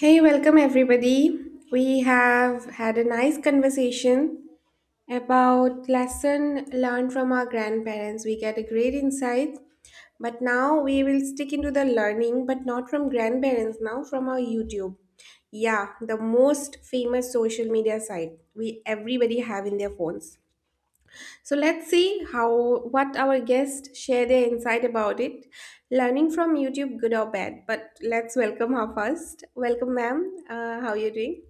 Hey, welcome everybody. We have had a nice conversation about lesson learned from our grandparents. We get a great insight, but now we will stick into the learning, but not from grandparents now, from our YouTube. Yeah, the most famous social media site we everybody have in their phones. So let's see how what our guests share their insight about it, learning from YouTube, good or bad. But let's welcome her first. Welcome, ma'am. How are you doing?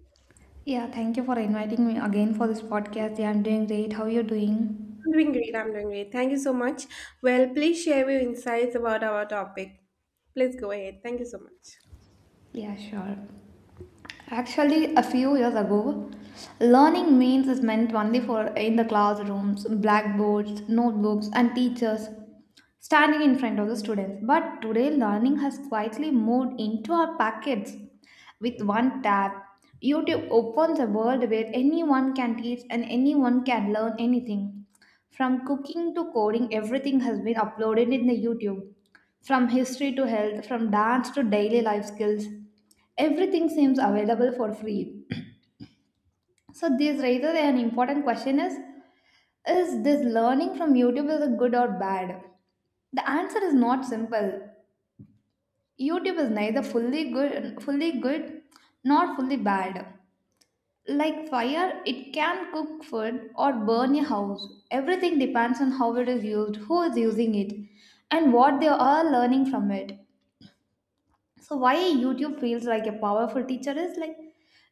Yeah, thank you for inviting me again for this podcast. Yeah, I'm doing great. How you doing? I'm doing great. I'm doing great. Thank you so much. Well, please share your insights about our topic. Please go ahead. Thank you so much. Yeah, sure. Actually, a few years ago, learning means is meant only for in the classrooms, blackboards, notebooks, and teachers. Standing in front of the students. But today, learning has quietly moved into our pockets. With one tap, YouTube opens a world where anyone can teach and anyone can learn anything. From cooking to coding, everything has been uploaded in the YouTube. From history to health, from dance to daily life skills, everything seems available for free. So this raises an important question is this learning from YouTube is a good or bad? The answer is not simple. YouTube is neither fully good nor fully bad. Like fire, it can cook food or burn a house. Everything depends on how it is used, who is using it, and what they are learning from it. So why YouTube feels like a powerful teacher is like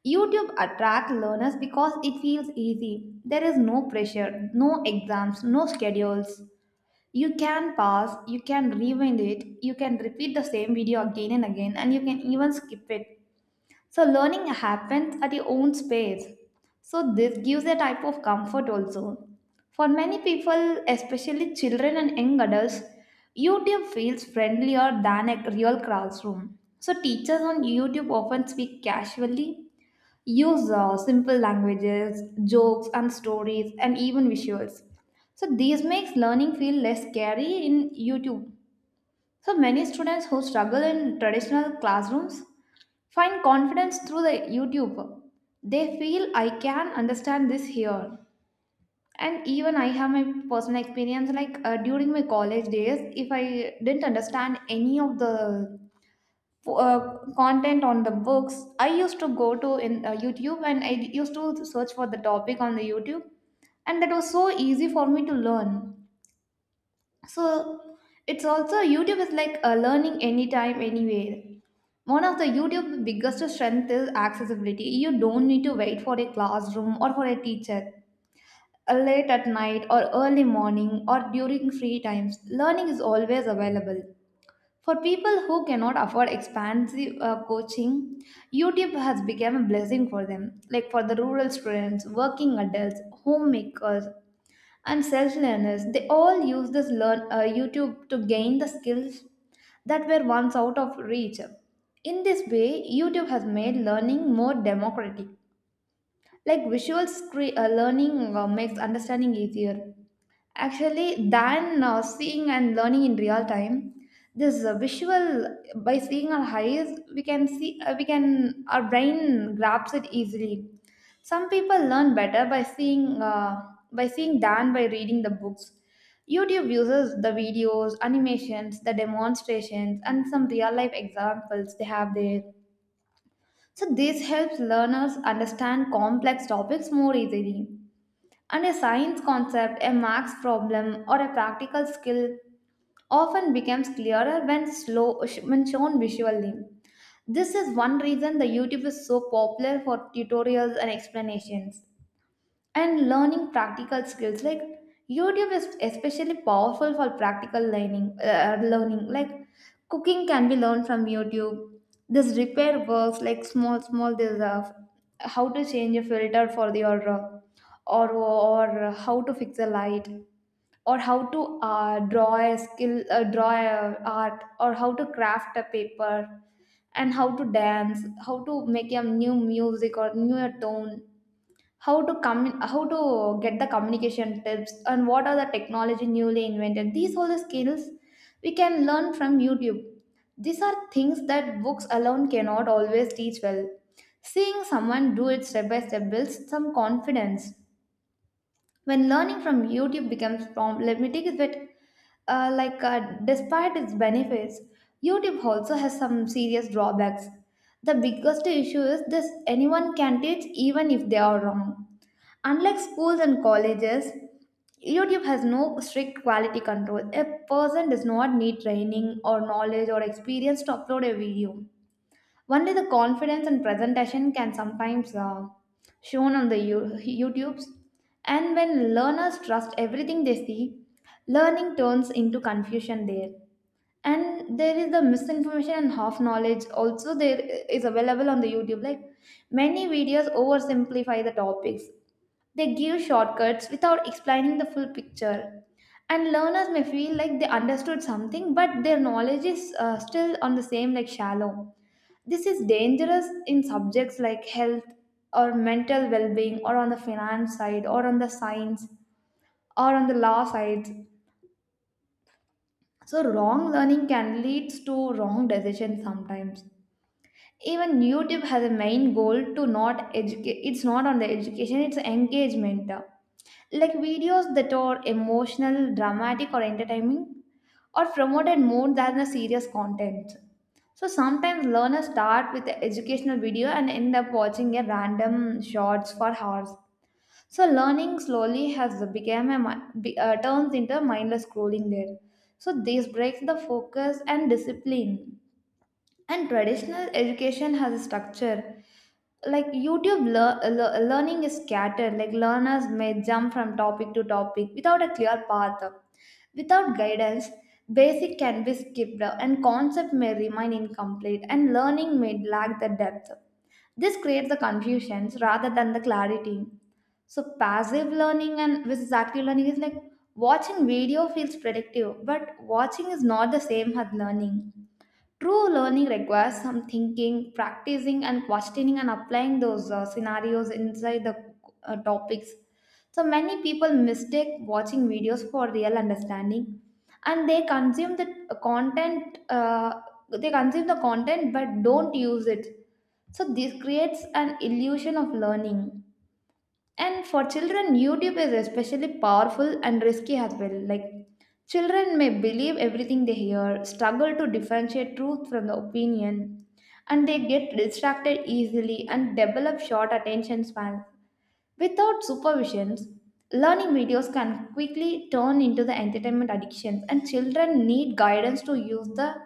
YouTube attracts learners because it feels easy. There is no pressure, no exams, no schedules. You can pause, you can rewind it, you can repeat the same video again and again, and you can even skip it. So, learning happens at your own space. So, this gives a type of comfort also. For many people, especially children and young adults, YouTube feels friendlier than a real classroom. So, teachers on YouTube often speak casually use simple languages, jokes, and stories, and even visuals. So, these makes learning feel less scary in YouTube. So, many students who struggle in traditional classrooms find confidence through the YouTube. They feel I can understand this here. And even I have my personal experience like during my college days, if I didn't understand any of the content on the books. I used to go to in YouTube and I used to search for the topic on the YouTube, and that was so easy for me to learn. So it's also YouTube is like learning anytime, anywhere. One of the YouTube biggest strength is accessibility. You don't need to wait for a classroom or for a teacher. Late at night or early morning or during free times, learning is always available. For people who cannot afford expensive coaching, YouTube has become a blessing for them. Like for the rural students, working adults, homemakers, and self learners, they all use this learn YouTube to gain the skills that were once out of reach. In this way, YouTube has made learning more democratic. Like learning makes understanding easier actually, than seeing and learning in real time, this visual by seeing our eyes, we can our brain grabs it easily. Some people learn better by seeing than by reading the books. YouTube uses the videos, animations, the demonstrations, and some real life examples they have there. So this helps learners understand complex topics more easily. And a science concept, a max problem, or a practical skill often becomes clearer when shown visually. This is one reason the YouTube is so popular for tutorials and explanations and learning practical skills like YouTube is especially powerful for practical learning like cooking can be learned from YouTube. This repair works like small small this how to change a filter for your or how to fix a light or how to draw a art or how to craft a paper and how to dance, how to make a new music or new tone, how to get the communication tips and what are the technology newly invented, these all the skills we can learn from YouTube. These are things that books alone cannot always teach well. Seeing someone do it step by step builds some confidence when learning from YouTube becomes limited with like despite its benefits, YouTube also has some serious drawbacks. The biggest issue is this anyone can teach even if they are wrong. Unlike schools and colleges, YouTube has no strict quality control. A person does not need training or knowledge or experience to upload a video. Only the confidence and presentation can sometimes shown on the YouTubes. And when learners trust everything they see, learning turns into confusion there. And there is the misinformation and half knowledge also there is available on the YouTube. Like many videos oversimplify the topics, they give shortcuts without explaining the full picture. And learners may feel like they understood something, but their knowledge is still on the same, like shallow. This is dangerous in subjects like health or mental well being, or on the finance side, or on the science, or on the law side. So, wrong learning can lead to wrong decisions sometimes. Even YouTube has a main goal to not educate, it's not on the education, it's engagement. Like videos that are emotional dramatic or entertaining are promoted more than the serious content. So sometimes learners start with the educational video and end up watching a random shorts for hours. So learning slowly has become a turns into mindless scrolling there. So this breaks the focus and discipline. And traditional education has a structure. Like YouTube learning is scattered, like learners may jump from topic to topic without a clear path. Without guidance, basic can be skipped and concept may remain incomplete and learning may lack the depth. This creates the confusions rather than the clarity. So passive learning and versus active learning is like watching video feels predictive, but watching is not the same as learning. True learning requires some thinking, practicing, and questioning and applying those scenarios inside the topics. So many people mistake watching videos for real understanding, and they consume the content. They consume the content but don't use it. So this creates an illusion of learning. And for children, YouTube is especially powerful and risky as well. Like, children may believe everything they hear, struggle to differentiate truth from the opinion, and they get distracted easily and develop short attention spans. Without supervisions, learning videos can quickly turn into the entertainment addictions, and children need guidance to use the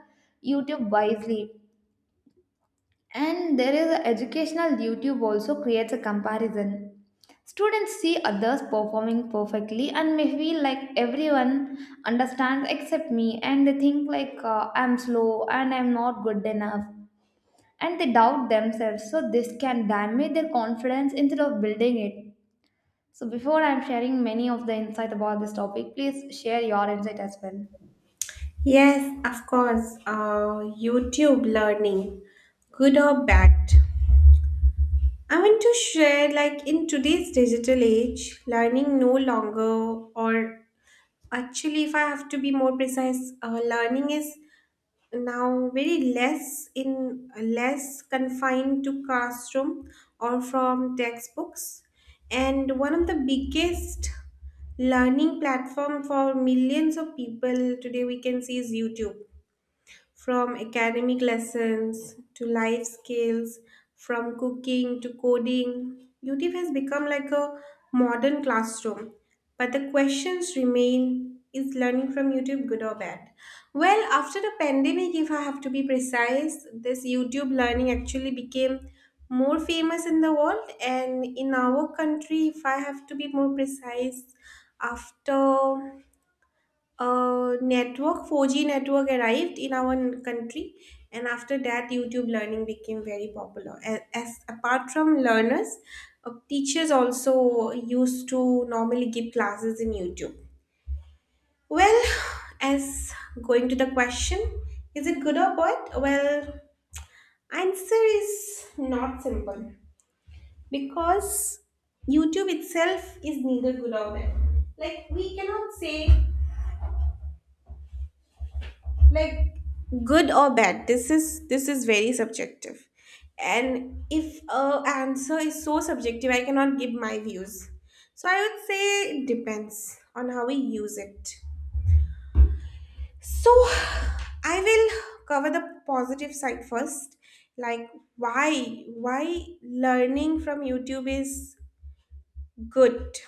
YouTube wisely. And there is a educational YouTube also creates a comparison. Students see others performing perfectly and may feel like everyone understands except me and they think like I'm slow and I'm not good enough and they doubt themselves. So this can damage their confidence instead of building it. So before I'm sharing many of the insight about this topic, please share your insight as well. Yes, of course. YouTube learning, good or bad. I want to share like in today's digital age, learning no longer or actually, if I have to be more precise, learning is now very less in less confined to classroom or from textbooks. And one of the biggest learning platform for millions of people today we can see is YouTube, from academic lessons to life skills, from cooking to coding. YouTube has become like a modern classroom. But the questions remain, is learning from YouTube good or bad? Well, after the pandemic, if I have to be precise, this YouTube learning actually became more famous in the world and in our country, if I have to be more precise, after network 4G network arrived in our country, and after that, YouTube learning became very popular. As apart from learners, teachers also used to normally give classes in YouTube. Well, as going to the question, is it good or bad? Well, answer is not simple because YouTube itself is neither good or bad. Like we cannot say like good or bad, this is very subjective, and if a answer is so subjective I cannot give my views. So I would say it depends on how we use it. So I will cover the positive side first, like why learning from YouTube is good.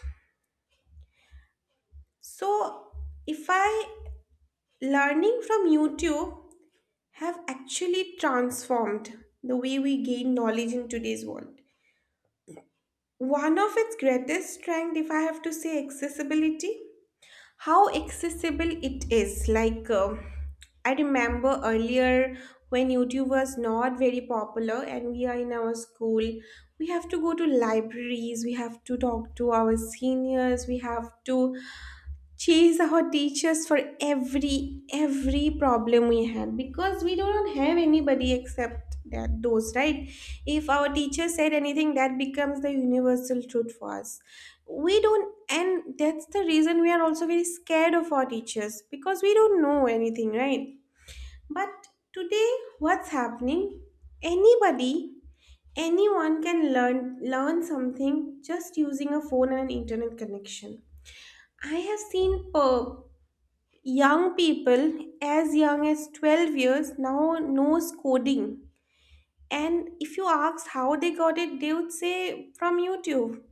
So if I learning from YouTube have actually transformed the way we gain knowledge in today's world. One of its greatest strength, if I have to say, accessibility. How accessible it is. I remember earlier when YouTube was not very popular, and we are in our school, we have to go to libraries, we have to talk to our seniors, we have to she is our teachers for every problem we had, because we don't have anybody except that those, right? If our teacher said anything, that becomes the universal truth for us. We don't, and that's the reason we are also very scared of our teachers, because we don't know anything, right? But today, what's happening, anybody, anyone can learn something just using a phone and an internet connection. I have seen per Young people, as young as 12 years, now knows coding. And if you ask how they got it, they would say from YouTube.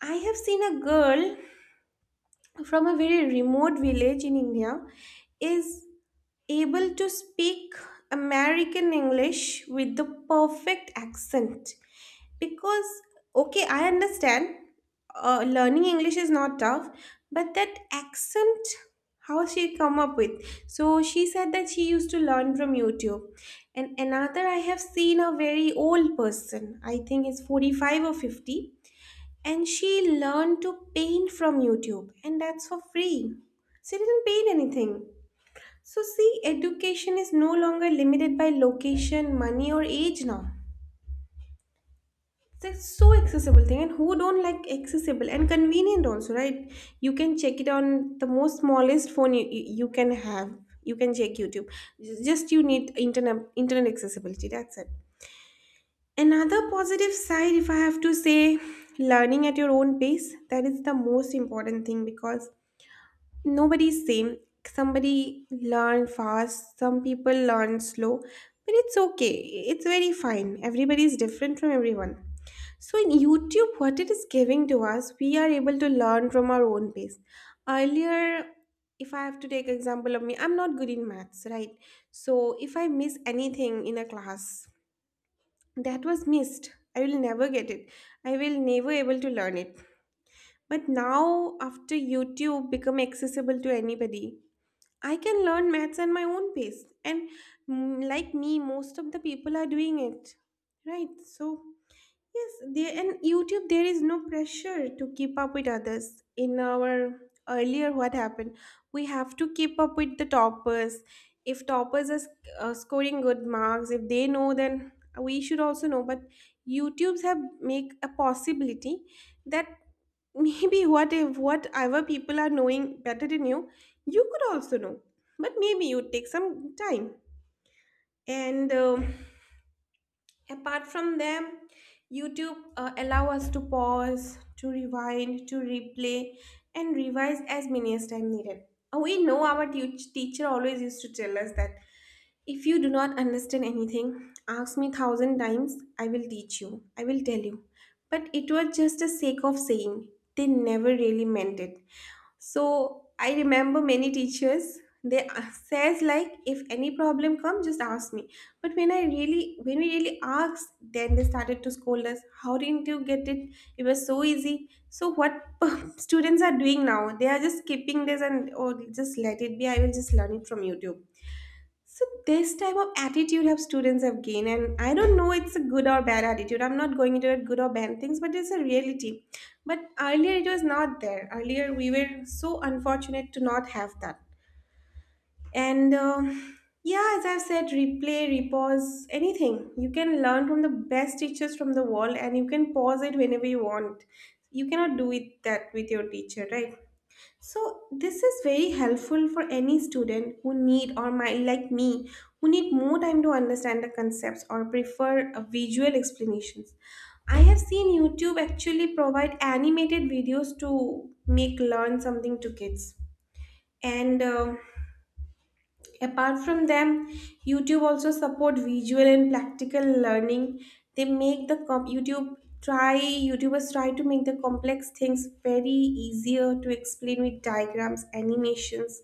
I have seen a girl from a very remote village in India is able to speak American English with the perfect accent. Because, okay, I understand, learning English is not tough, but that accent, how she come up with? So she said that she used to learn from YouTube. And another, I have seen a very old person, I think it's 45 or 50, and she learned to paint from YouTube, and that's for free. She didn't paint anything. So see, education is no longer limited by location, money, or age now. That's so accessible thing, and who don't like accessible and convenient also, right? You can check it on the most smallest phone you can have. You can check YouTube. Just you need internet accessibility. That's it. Another positive side, if I have to say, learning at your own pace. That is the most important thing, because nobody's same. Somebody learn fast, some people learn slow, but it's okay, it's very fine, everybody is different from everyone. So in YouTube, what it is giving to us, we are able to learn from our own pace. Earlier, if I have to take example of me, I'm not good in maths, right? So if I miss anything in a class, that was missed, I will never get it, I will never able to learn it. But now after YouTube become accessible to anybody, I can learn maths at my own pace, and like me, most of the people are doing it, right? So yes, there and YouTube there is no pressure to keep up with others. In our earlier what happened, we have to keep up with the toppers. If toppers are scoring good marks, if they know, then we should also know. But YouTubes have make a possibility that maybe what if whatever people are knowing better than you, you could also know. But maybe you take some time. And Apart from them, YouTube allow us to pause, to rewind, to replay, and revise as many as time needed. We know our teacher always used to tell us that if you do not understand anything, ask me thousand times. I will teach you. I will tell you. But it was just a sake of saying. They never really meant it. So I remember many teachers, they says like if any problem come, just ask me. But when we really asked, then they started to scold us, how didn't you get it, it was so easy. So what students are doing now, they are just skipping this and, oh, just let it be, I will just learn it from YouTube. So this type of attitude have students have gained, and I don't know it's a good or bad attitude. I'm not going into it good or bad things, but it's a reality. But earlier it was not there. Earlier we were so unfortunate to not have that. And yeah, as I've said, replay, repause, anything. You can learn from the best teachers from the world, and you can pause it whenever you want. You cannot do it that with your teacher, right? So this is very helpful for any student who need, or might like me, who need more time to understand the concepts or prefer visual explanations. I have seen YouTube actually provide animated videos to make learn something to kids. And Apart from them, YouTube also support visual and practical learning. They make the YouTube try YouTubers try to make the complex things very easier to explain with diagrams, animations,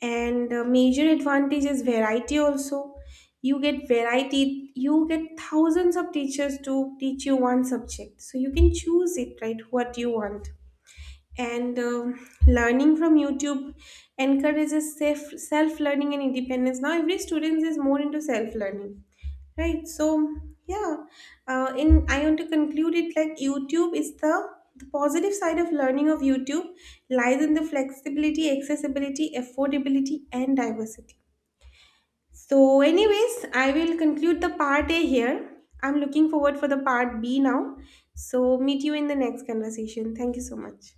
and major advantage is variety. Also, you get variety. You get thousands of teachers to teach you one subject, so you can choose it right what you want. And Learning from YouTube encourages self learning and independence. Now every student is more into self learning, right? So yeah, in I want to conclude it like YouTube is the positive side of learning of YouTube lies in the flexibility, accessibility, affordability, and diversity. So anyways, I will conclude the part A here. I'm looking forward for the part B now. So meet you in the next conversation. Thank you so much.